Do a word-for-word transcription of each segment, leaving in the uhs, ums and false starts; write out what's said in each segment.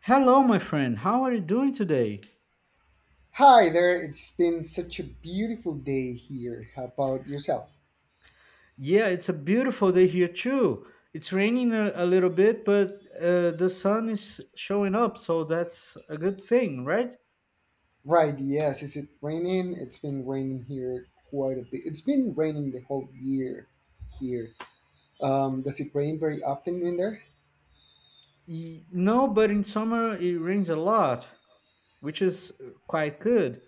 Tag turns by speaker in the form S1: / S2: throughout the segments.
S1: Hello, my friend. How are you doing today?
S2: Hi there, it's been such a beautiful day here. How about yourself?
S1: Yeah, it's a beautiful day here too. It's raining a, a little bit, but uh, the sun is showing up, so that's a good thing, right?
S2: Right, yes, is it raining? It's been raining here quite a bit. It's been raining the whole year here. Um, does it rain very often in there?
S1: Y- No, but in summer it rains a lot, which is quite good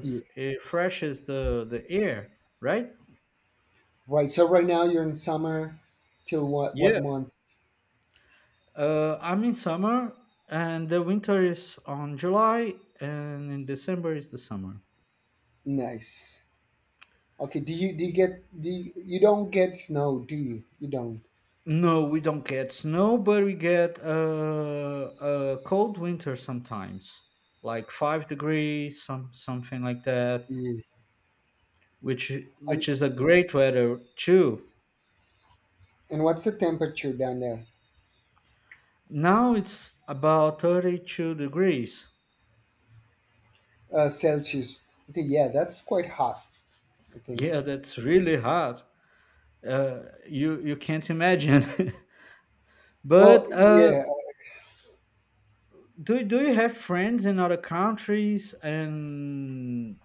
S2: Yeah.
S1: it freshes the, the air, right?
S2: Right, so right now you're in summer till what what
S1: Yeah,
S2: month?
S1: uh, I'm in summer, and the winter is on July, and in December is the summer.
S2: Nice. Okay, do you do you get do you, you don't get snow, do you? You don't.
S1: No, we don't get snow, but we get uh, a cold winter sometimes, like five degrees, some something like that,
S2: Yeah.
S1: which
S2: And
S1: which is a great weather too.
S2: and what's the temperature down there?
S1: Now it's about thirty-two degrees.
S2: Uh, Celsius. Okay, yeah, that's quite hot, I think.
S1: Yeah, that's really hot. Uh, you you can't imagine.
S2: Well,
S1: But uh,
S2: yeah,
S1: do do you have friends in other countries, and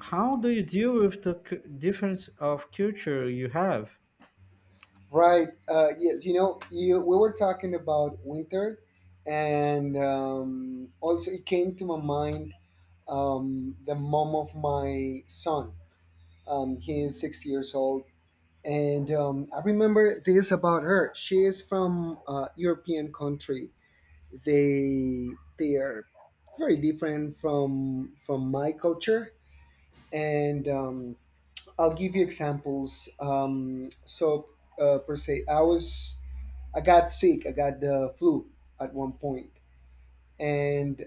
S1: how do you deal with the cu- difference of culture you have?
S2: right. Uh, yes, you know, you, we were talking about winter, and um, also it came to my mind um, the mom of my son. Um, he is six years old, and um, I remember this about her. She is from a European country. They they are very different from from my culture, and um, I'll give you examples. Um, so uh, per se, I was I got sick. I got the flu at one point, and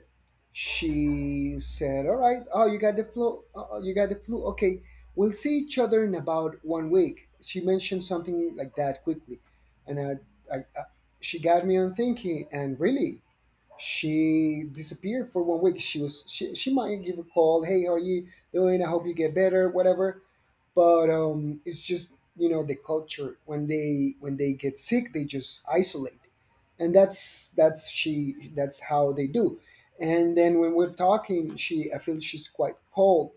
S2: she said, "All right, oh you got the flu. Uh, you got the flu. Okay, we'll see each other in about one week." She mentioned something like that quickly, and I, I, I she got me on thinking. And really, she disappeared for one week. She was she she might give a call. Hey, how are you doing? I hope you get better. Whatever, but um, it's just, you know, the culture, when they when they get sick, they just isolate. And that's that's she that's how they do. And then when we're talking, she, I feel she's quite cold.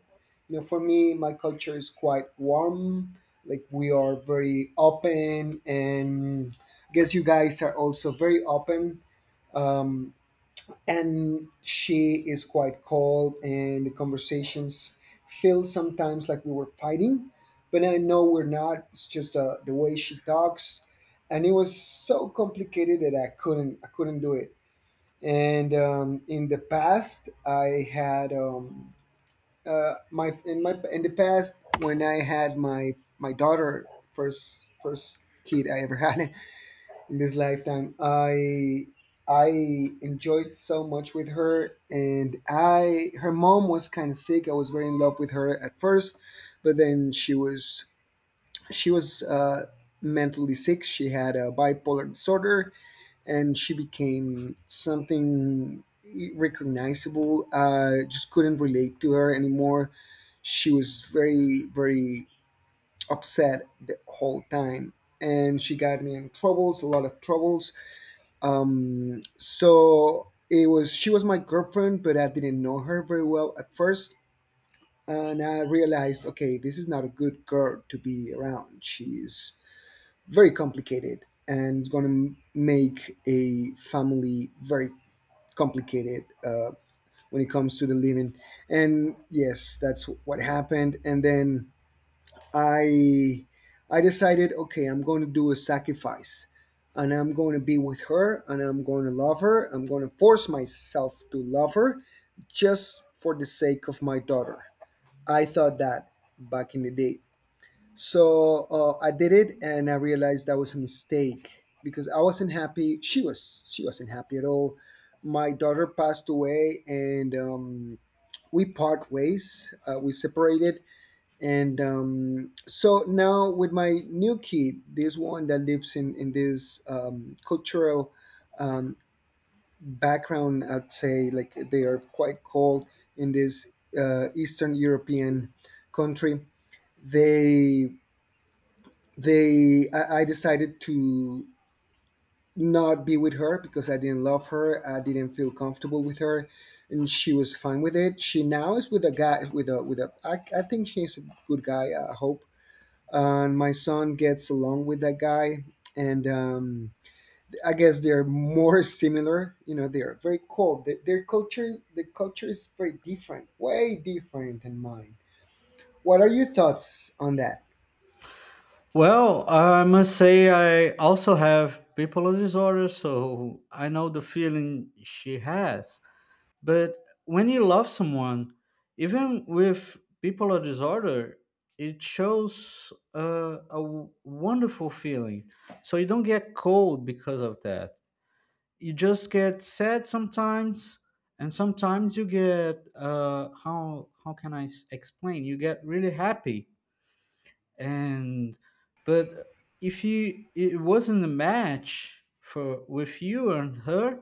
S2: You know, for me, my culture is quite warm, like, we are very open, and I guess you guys are also very open. um, and she is quite cold, and the conversations feel sometimes like we were fighting, but I know we're not. It's just uh, the way she talks. And it was so complicated that i couldn't I couldn't do it. And um, in the past I had um, uh, my in my in the past, when I had my my daughter, first first kid I ever had in this lifetime. I I enjoyed so much with her, and I her mom was kind of sick. I was very in love with her at first, but then she was she was uh, mentally sick. She had a bipolar disorder, and she became something recognizable. I just couldn't relate to her anymore. She was very very upset the whole time, and she got me in troubles, a lot of troubles. Um, so it was She was my girlfriend, but I didn't know her very well at first, and I realized, okay, this is not a good girl to be around. She's very complicated, and it's going to make a family very complicated uh, when it comes to the living. And yes, that's what happened. And then I I decided, okay, I'm going to do a sacrifice, and I'm going to be with her, and I'm going to love her. I'm going to force myself to love her, just for the sake of my daughter. I thought that back in the day. So uh, I did it, and I realized that was a mistake, because I wasn't happy. She was. She wasn't happy at all. My daughter passed away, and um, we part ways. Uh, we separated, and um, so now with my new kid, this one that lives in in this um, cultural um, background, I'd say, like, they are quite cold in this uh, eastern European country. They they I, I decided to not be with her because I didn't love her, I didn't feel comfortable with her. And she was fine with it. She now is with a guy, with a with a i, I think she's a good guy, I hope. And my son gets along with that guy. And um, I guess they're more similar. You know, they're very cold. Their, their culture, the culture is very different, way different than mine. What are your thoughts on that?
S1: Well, I must say I also have bipolar disorder, so I know the feeling she has. But when you love someone, even with bipolar disorder, it shows uh, a w- wonderful feeling. So you don't get cold because of that. You just get sad sometimes, and sometimes you get uh, how how can I s- explain? You get really happy and but if you it wasn't a match for with you and her,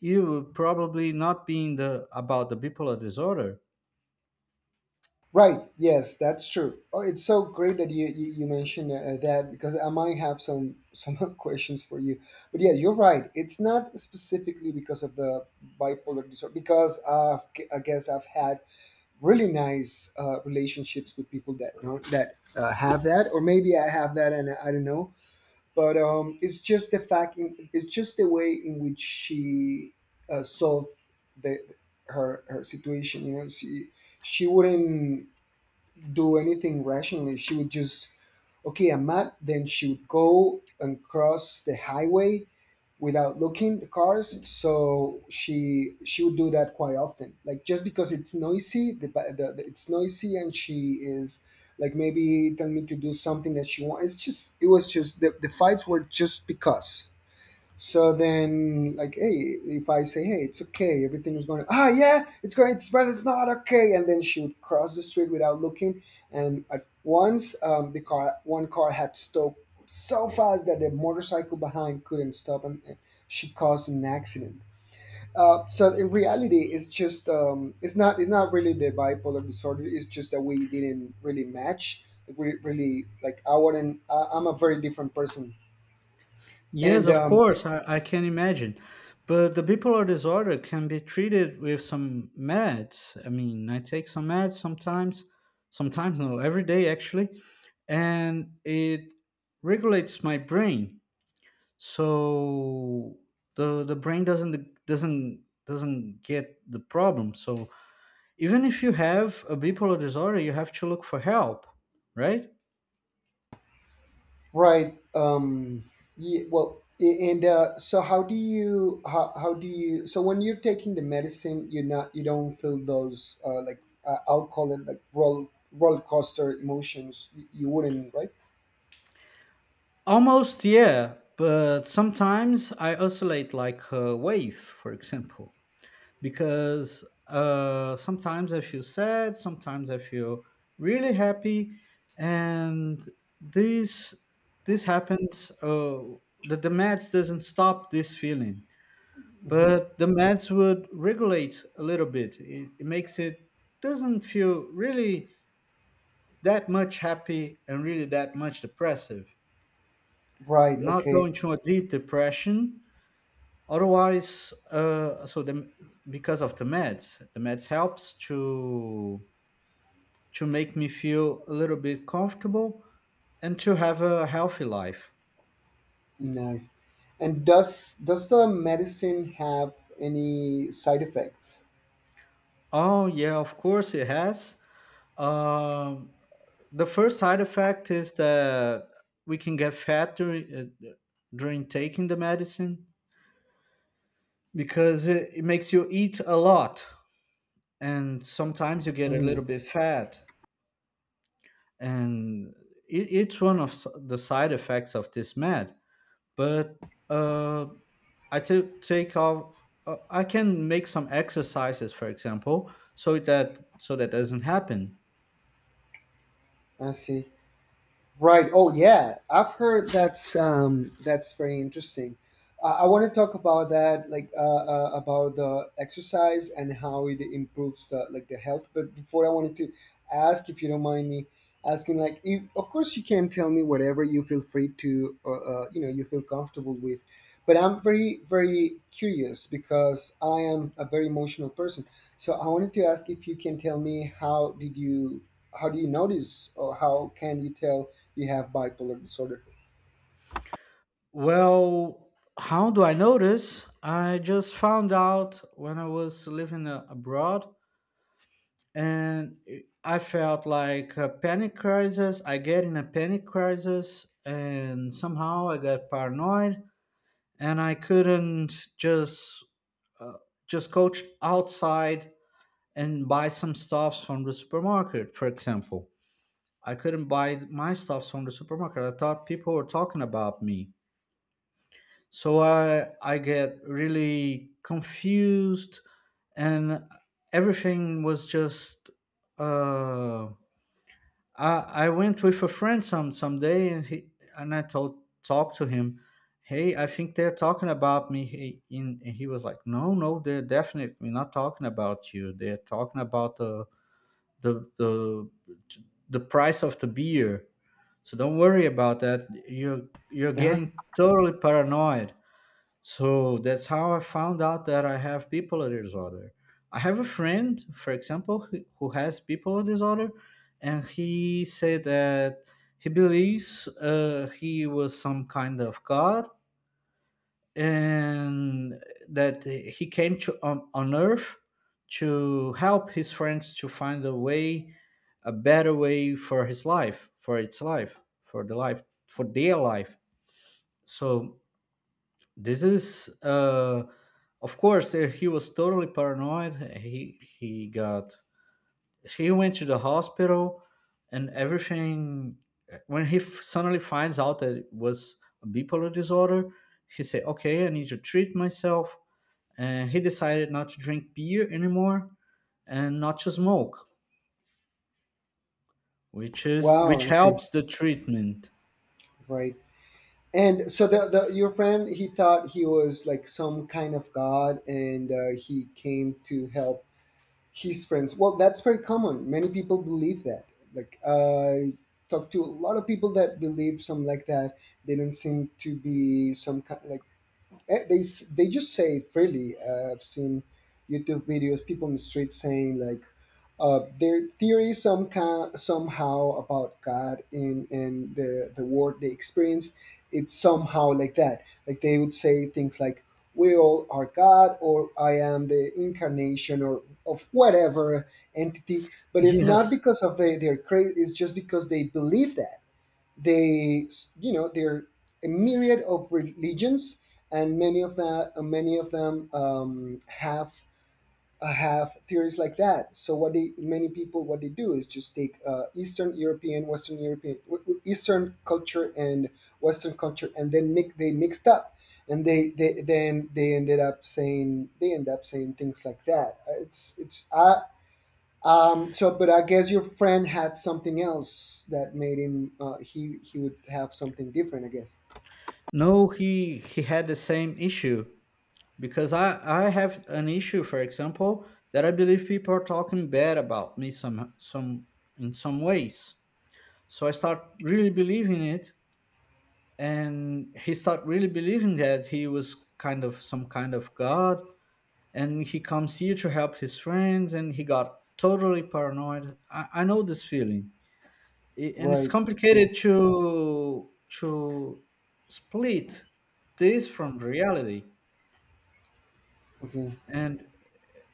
S1: you would probably not be in the about the bipolar disorder.
S2: Right, yes, that's true. Oh, it's so great that you you, you mentioned uh, that, because I might have some some questions for you. But yeah, you're right, it's not specifically because of the bipolar disorder, because uh, I guess I've had really nice uh, relationships with people that don't, that uh, have that, or maybe I have that and I don't know. But um, it's just the fact, in, it's just the way in which she uh, solved the her her situation. You know, she she wouldn't do anything rationally. She would just, okay, I'm mad. Then she would go and cross the highway without looking the cars. So she she would do that quite often, like, just because it's noisy, the, ba- the, the, it's noisy, and she is like maybe telling me to do something that she wants. It's just, it was just, the, the fights were just because, so then, like, hey, if I say, hey, it's okay, everything is going, ah, yeah, it's going, it's, but it's not okay. And then she would cross the street without looking. And at once, um, the car, one car had stopped so fast that the motorcycle behind couldn't stop, and and she caused an accident. Uh, so in reality, it's just, um, it's not, it's not really the bipolar disorder. It's just that we didn't really match. We really, like, I wouldn't, I, I'm a very different person.
S1: Yes,
S2: And
S1: of
S2: um,
S1: course i, I can imagine. But the bipolar disorder can be treated with some meds. I mean I take some meds sometimes, sometimes no, every day actually, and it regulates my brain, so the the brain doesn't doesn't doesn't get the problem. So even if you have a bipolar disorder, you have to look for help, right?
S2: right. Um, yeah, well, a- and uh, so how do you, how, how do you, so when you're taking the medicine, you're not, you don't feel those uh, like uh, I'll call it, like, roll roller coaster emotions. You, you wouldn't, right?
S1: Almost, yeah, but sometimes I oscillate like a wave, for example, because uh, sometimes I feel sad, sometimes I feel really happy, and this this happens. uh the, the meds doesn't stop this feeling,
S2: Hmm.
S1: but the meds would regulate a little bit. It, it makes it doesn't feel really that much happy and really that much depressive.
S2: Right.
S1: I'm not
S2: Okay.
S1: going to a deep depression. Otherwise, uh, so the, because of the meds, the meds helps to to make me feel a little bit comfortable and to have a healthy life.
S2: Nice. And does does the medicine have any side effects?
S1: Oh yeah, of course it has. Um, the first side effect is that we can get fat during uh, during taking the medicine because it, it makes you eat a lot, and sometimes you get a
S2: Mm,
S1: little bit fat, and it, it's one of s- the side effects of this med. But uh, I took take off. Uh, I can make some exercises, for example, so that so that doesn't happen.
S2: I see. Right. Oh, yeah. I've heard that's um, that's very interesting. Uh, I want to talk about that, like uh, uh, about the exercise and how it improves the, like, the health. But before, I wanted to ask, if you don't mind me asking, like, if, of course you can tell me whatever you feel free to, uh, uh, you know, you feel comfortable with. But I'm very very curious, because I am a very emotional person. So I wanted to ask if you can tell me how did you, how do you notice, or how can you tell you have bipolar disorder.
S1: Well, how do I know this? I just found out when I was living uh, abroad, and I felt like a panic crisis. I get in a panic crisis, and somehow I got paranoid, and I couldn't just uh, just go ch- outside and buy some stuffs from the supermarket, for example. I couldn't buy my stuffs from the supermarket. I thought people were talking about me, so i i get really confused, and everything was just uh i i went with a friend some someday, and he and I told talked to him, hey, I think they're talking about me. He, in And he was like, no, no, they're definitely not talking about you. They're talking about the the the the price of the beer, so don't worry about that. you're you're
S2: Uh-huh.
S1: getting totally paranoid. So that's how I found out that I have bipolar disorder. I have a friend, for example, who who has bipolar disorder, and he said that he believes uh, he was some kind of god, and that he came to on, on earth to help his friends to find a way, a better way for his life, for its life, for the life, for their life. So this is uh of course uh, he was totally paranoid. He he got, he went to the hospital and everything. Uh, when he f- suddenly finds out that it was a bipolar disorder, he said, okay, I need to treat myself, and he decided not to drink beer anymore and not to smoke, which is
S2: Wow,
S1: which
S2: I see.
S1: helps the treatment.
S2: Right. And so, the, the your friend, he thought he was like some kind of god, and uh, he came to help his friends. Well, that's very common. Many people believe that. Like, I talk to a lot of people that believe something like that. They don't seem to be some kind, like, eh, they s- they just say freely. Uh, I've seen YouTube videos, people in the street saying like uh, their theory, some kind, somehow, about God in in the the world they experience. It's somehow like that. Like they would say things like, we all are God, or I am the incarnation, or of whatever entity. But it's not
S1: Yes,
S2: because of their, their crazy. It's just because they believe that they you know, they're a myriad of religions, and many of that, uh, many of them um, have uh, have theories like that. So what they many people, what they do is just take uh, eastern European, western European, w- w- eastern culture and western culture, and then mix, they mixed up, and they, they then, they ended up saying they end up saying things like that. Uh, it's it's I, um, so, but I guess your friend had something else that made him. Uh, he he would have something different, I guess.
S1: no, he he had the same issue, because I I have an issue, for example, that I believe people are talking bad about me some some in some ways. So I start really believing it, and he start really believing that he was kind of some kind of god, and he comes here to help his friends, and he got totally paranoid. I, I know this feeling, I- and it's
S2: Right. Yeah.
S1: complicated to to split this from reality.
S2: Okay.
S1: And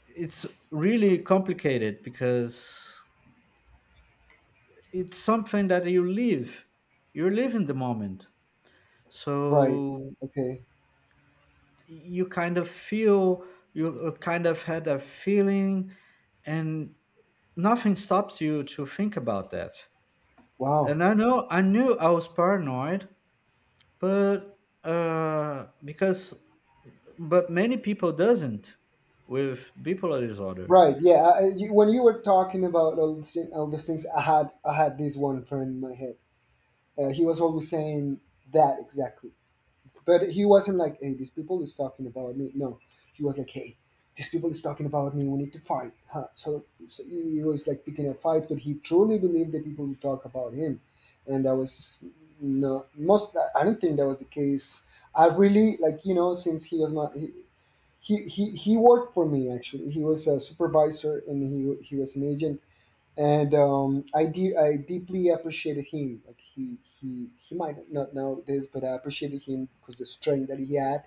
S1: it's really complicated because it's something that you live, you live in the moment.
S2: Right.
S1: So
S2: Okay.
S1: you kind of feel, you uh, kind of had a feeling, and nothing stops you to think about that.
S2: Wow.
S1: And I know I knew I was paranoid, but uh because, but many people doesn't with bipolar disorder.
S2: Right. Yeah. I, I- you, when you were talking about all these, all these things, I had I had this one friend in my head. Uh, he was always saying that exactly. But he wasn't like, hey, these people is talking about me. No, he was like, hey, these people is talking about me. We need to fight. Huh? So, so he was like picking a fight, but he truly believed that people would talk about him, and that was no most. I don't think that was the case. I really, like, you know, since he was my. He, he, he, he worked for me, actually. He was a supervisor, and he, he was an agent. And um, I de- I deeply appreciated him. Like, he he he might not know this, but I appreciated him because the strength that he had.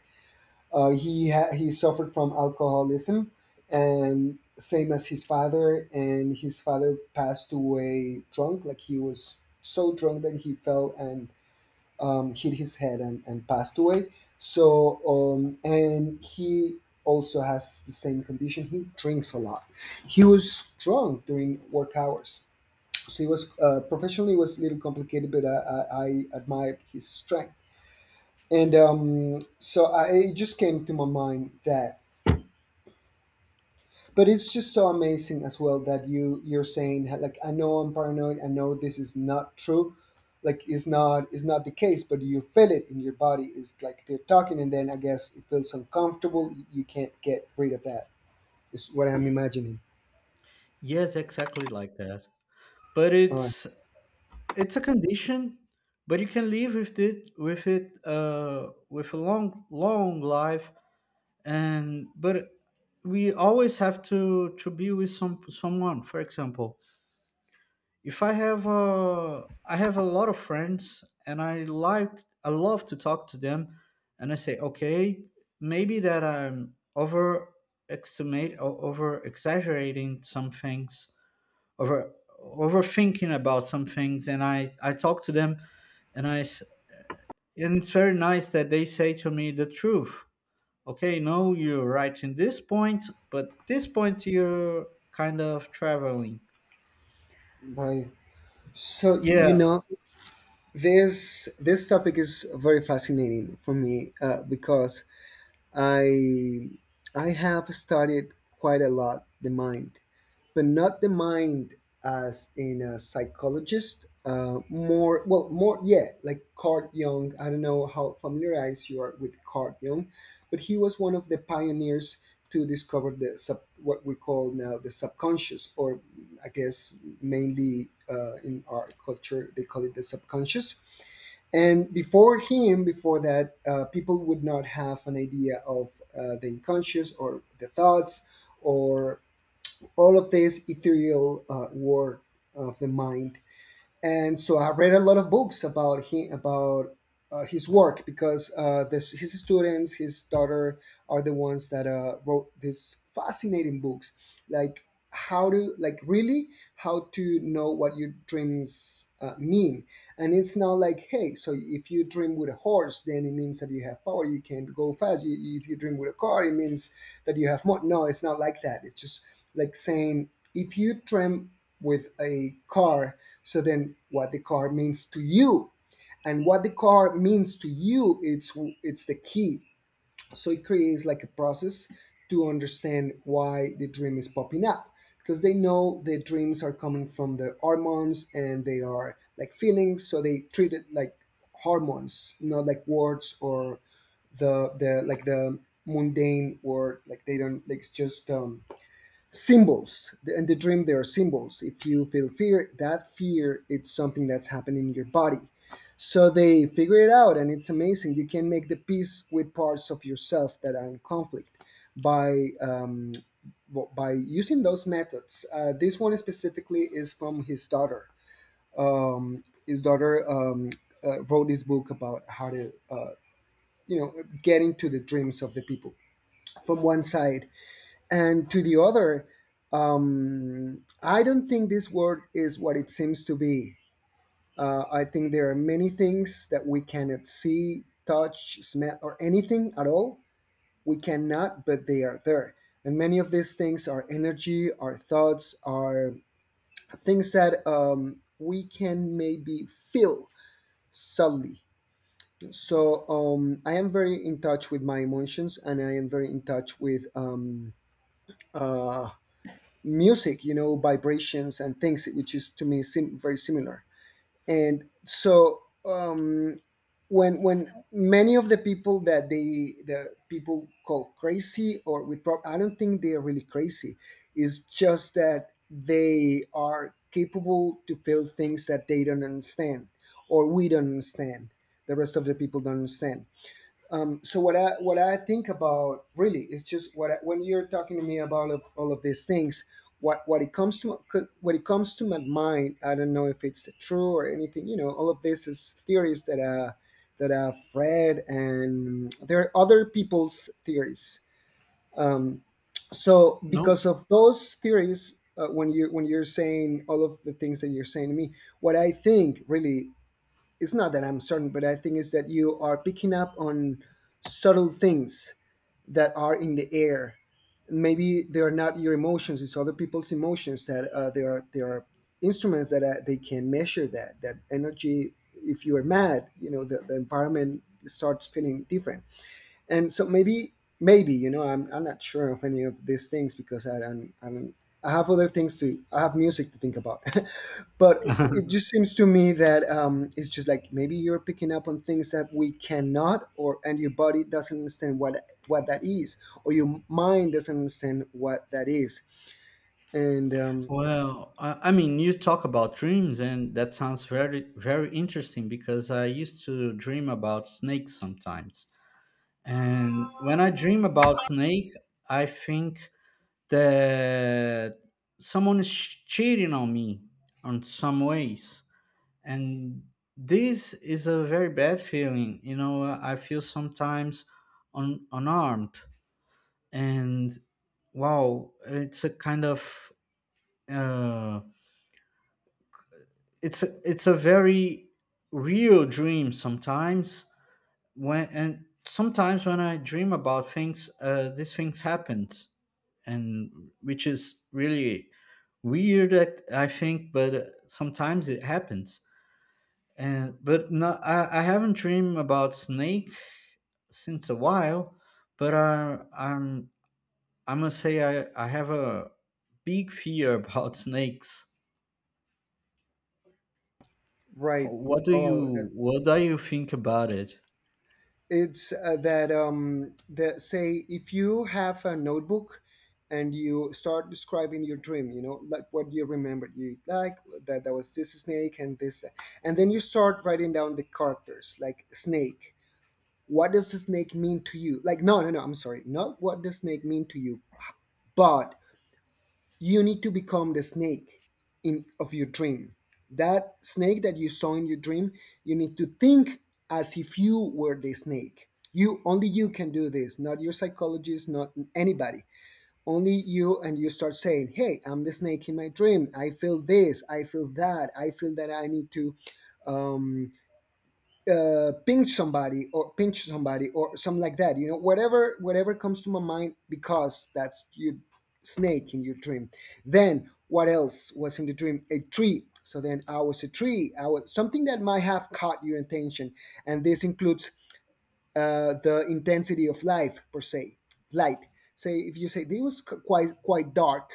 S2: Uh, he ha- he suffered from alcoholism, and same as his father. And his father passed away drunk. Like, he was so drunk that he fell and um, hit his head, and, and passed away. So um, and he also has the same condition. He drinks a lot. He was drunk during work hours so he was uh, professionally it was a little complicated, but i, I, I admired his strength. and um, so I, it just came to my mind that, but it's just so amazing as well that you you're saying like, I know I'm paranoid, I know this is not true, like it's not it's not the case, but you feel it in your body. It's like they're talking and then I guess it feels uncomfortable, you you can't get rid of that is what I'm imagining.
S1: Yes, exactly like that, but
S2: All right.
S1: it's it's a condition, but you can live with it with it uh, with a long long life. And but we always have to to be with some someone. For example, if I have a I have a lot of friends, and I like I love to talk to them, and I say okay, maybe that I'm overestimate or over exaggerating some things, over overthinking about some things, and i i talk to them, and i s- and it's very nice that they say to me the truth. Okay, no, you're right in this point, but this point you're kind of traveling.
S2: Right, so you
S1: Yeah,
S2: know, This this topic is very fascinating for me uh, because I I have studied quite a lot the mind, but not the mind as in a psychologist. Uh, more well, more yeah, like Carl Jung. I don't know how familiarized you are with Carl Jung, but he was one of the pioneers to discover the sub, what we call now the subconscious, or I guess mainly uh, in our culture they call it the subconscious. And before him, before that, uh, people would not have an idea of uh, the unconscious, or the thoughts, or all of this ethereal uh, work of the mind. And so I read a lot of books about him, about uh, his work, because uh, this, his students, his daughter, are the ones that uh, wrote these fascinating books, like how to like really how to know what your dreams uh, mean. And it's not like, hey, so if you dream with a horse then it means that you have power, you can go fast, you, if you dream with a car it means that you have more. No, it's not like that. It's just like saying, if you dream with a car, so then what the car means to you, and what the car means to you, it's it's the key. So it creates like a process to understand why the dream is popping up, because they know the dreams are coming from the hormones and they are like feelings, so they treat it like hormones, not like words or the the like the mundane word. Like they don't. Like it's just um, symbols in the dream, there are symbols. If you feel fear, that fear, it's something that's happening in your body, so they figure it out. And it's amazing, you can make the peace with parts of yourself that are in conflict by um, w- by using those methods. Uh, this one specifically is from his daughter. Um, his daughter um, uh, wrote this book about how to uh, you know get into the dreams of the people from one side and to the other. um, I don't think this world is what it seems to be. Uh, I think there are many things that we cannot see, touch, smell, or anything at all. We cannot, but they are there. And many of these things are energy, our thoughts, are things that um, we can maybe feel subtly. So um, I am very in touch with my emotions, and I am very in touch with um, uh, music, you know, vibrations and things, which is to me sim- very similar. And so um, when when many of the people that they the people call crazy or with prob- I don't think they are really crazy. It's just that they are capable to feel things that they don't understand, or we don't understand. The rest of the people don't understand. Um, so what I what I think about really is just what I, when you're talking to me about of all of these things, what what it comes to, what it comes to my mind. I don't know if it's true or anything. You know, all of this is theories that uh that I've read, and there are other people's theories. Um, so
S1: no,
S2: because of those theories, uh, when you when you're saying all of the things that you're saying to me, what I think really, it's not that I'm certain, but I think it's that you are picking up on subtle things that are in the air. Maybe they are not your emotions; it's other people's emotions that uh, there are there are instruments that uh, they can measure that that energy. If you are mad, you know the, the environment starts feeling different. And so maybe, maybe, you know, I'm I'm not sure of any of these things because I don't I don't I have other things to, I have music to think about, but it just seems to me that um, it's just like maybe you're picking up on things that we cannot, or and your body doesn't understand what what that is, or your mind doesn't understand what that is. And um,
S1: well, i, I mean, you talk about dreams, and that sounds very very interesting because I used to dream about snakes sometimes, and when I dream about snake, I think that someone is cheating on me on some ways. And this is a very bad feeling, you know. I feel sometimes un- unarmed, and wow, it's a kind of uh, it's a, it's a very real dream sometimes, when and sometimes when I dream about things, uh, these things happens, and which is really weird. That I think, but uh, sometimes it happens. And but no, I, I haven't dreamed about snake since a while, but I I'm I must say I I have a big fear about snakes.
S2: Right.
S1: What do
S2: Oh,
S1: you what do you think about it?
S2: it's uh, that um that, say if you have a notebook and you start describing your dream, you know, like what you remembered, you like, that that was this snake and this, and then you start writing down the characters like snake. What does the snake mean to you? Like, no no no, I'm sorry, not what the snake mean to you, but you need to become the snake in of your dream, that snake that you saw in your dream. You need to think as if you were the snake. You, only you can do this, not your psychologist, not anybody, only you. And you start saying, hey, I'm the snake in my dream, I feel this, I feel that, I feel that I need to uh, pinch somebody, or pinch somebody or something like that. You know, whatever whatever comes to my mind, because that's your snake in your dream. Then what else was in the dream? A tree. So then I was a tree. I was something that might have caught your attention, and this includes uh, the intensity of life per se, light. Say if you say this was quite quite dark,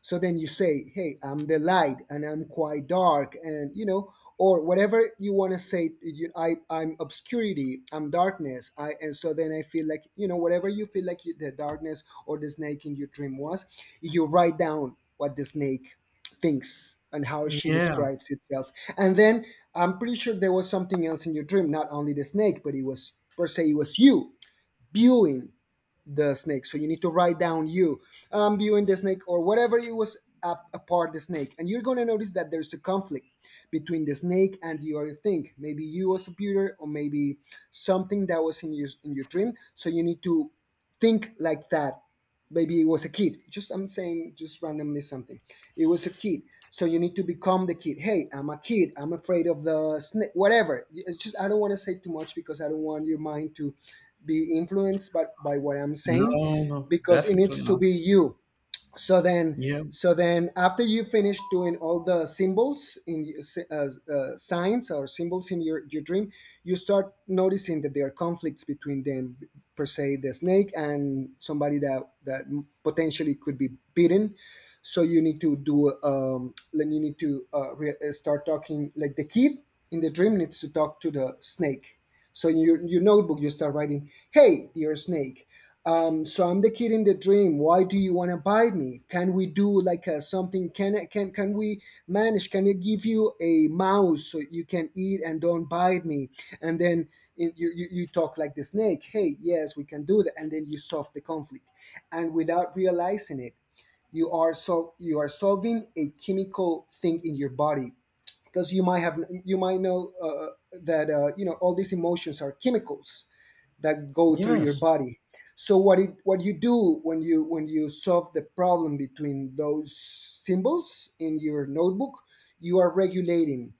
S2: so then you say, "Hey, I'm the light, and I'm quite dark," and you know, or whatever you want to say. You, I, I'm obscurity, I'm darkness, I, and so then I feel like, you know, whatever you feel like you, the darkness or the snake in your dream was, you write down what the snake thinks and how she
S1: Yeah.
S2: describes itself. And then I'm pretty sure there was something else in your dream, not only the snake, but it was per se, it was you viewing the snake. So you need to write down you. I'm viewing the snake or whatever it was up apart the snake. And you're gonna notice that there's a conflict between the snake and the other thing. Maybe you as a viewer, or maybe something that was in your in your dream. So you need to think like that. Maybe it was a kid, just I'm saying just randomly something, it was a kid, so you need to become the kid. Hey, I'm a kid, I'm afraid of the snake, whatever. It's just, I don't want to say too much because I don't want your mind to be influenced by, by what I'm
S1: No,
S2: saying,
S1: no,
S2: because it needs
S1: definitely
S2: to
S1: not.
S2: be you. So then,
S1: Yeah.
S2: so then after you finish doing all the symbols in uh, uh, signs or symbols in your, your dream, you start noticing that there are conflicts between them, per se the snake and somebody that that potentially could be bitten. So you need to do, um then you need to uh, re- uh, start talking like the kid in the dream needs to talk to the snake. So in your, your notebook, you start writing, "Hey, dear snake, um, so I'm the kid in the dream. Why do you want to bite me? Can we do like uh something? Can I, can can we manage? Can I give you a mouse so you can eat and don't bite me?" And then in, you, you you talk like the snake. Hey, yes, we can do that. And then you solve the conflict, and without realizing it, you are so you are solving a chemical thing in your body, because you might have, you might know uh, uh, that uh, you know, all these emotions are chemicals that go through your
S1: Yes.
S2: body. So what it, what you do when you, when you solve the problem between those symbols in your notebook, you are regulating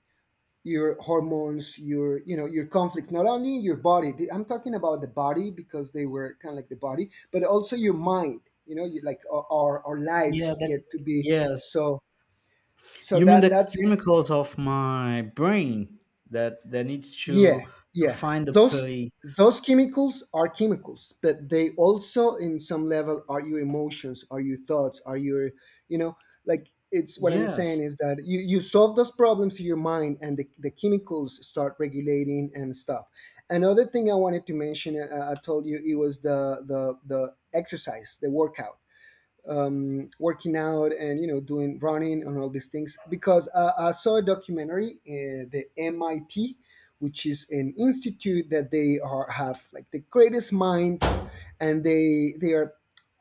S2: your hormones, your, you know, your conflicts not only in your body, the- I'm talking about the body because they were kind of like the body, but also your mind. You know, you, like our our our
S1: Yeah,
S2: lives
S1: that,
S2: get to be
S1: yes.
S2: so, so
S1: You mean
S2: that
S1: the
S2: that's,
S1: chemicals of my brain that that needs to
S2: yeah,
S1: to
S2: yeah.
S1: find a
S2: Those
S1: place.
S2: those chemicals are chemicals, but they also, in some level, are your emotions, are your thoughts, are your, you know, like it's what I'm saying
S1: Yes,
S2: is that you, you solve those problems in your mind and the, the chemicals start regulating and stuff. Another thing I wanted to mention, uh, I told you, it was the, the, the exercise, the workout, um, working out and you know doing running and all these things because uh, I saw a documentary, uh, the M I T, which is an institute that they are have like the greatest minds, and they they are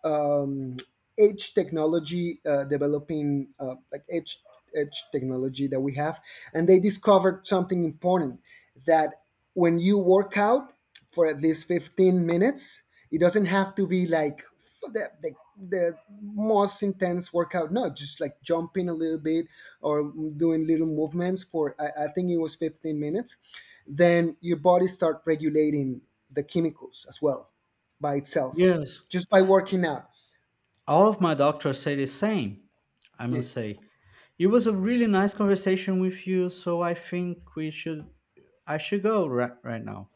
S2: um, edge technology, uh, developing uh, like edge edge technology that we have. And they discovered something important, that when you work out for at least fifteen minutes, it doesn't have to be like f- the, the, the most intense workout. No, just like jumping a little bit, or doing little movements for i, I think it was fifteen minutes, then your body start regulating the chemicals as well by itself,
S1: yes.
S2: just by working out.
S1: All of my doctors say the same. I
S2: Yeah.
S1: must say it was a really nice conversation with you. So I think we should I should go right right now.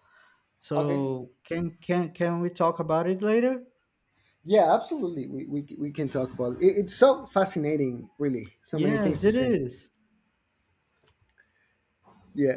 S1: So
S2: Okay.
S1: can can can we talk about it later?
S2: Yeah, absolutely. We, we, we can talk about it. It's so fascinating, really. So many things
S1: Yes,
S2: to
S1: it
S2: say.
S1: is.
S2: Yeah.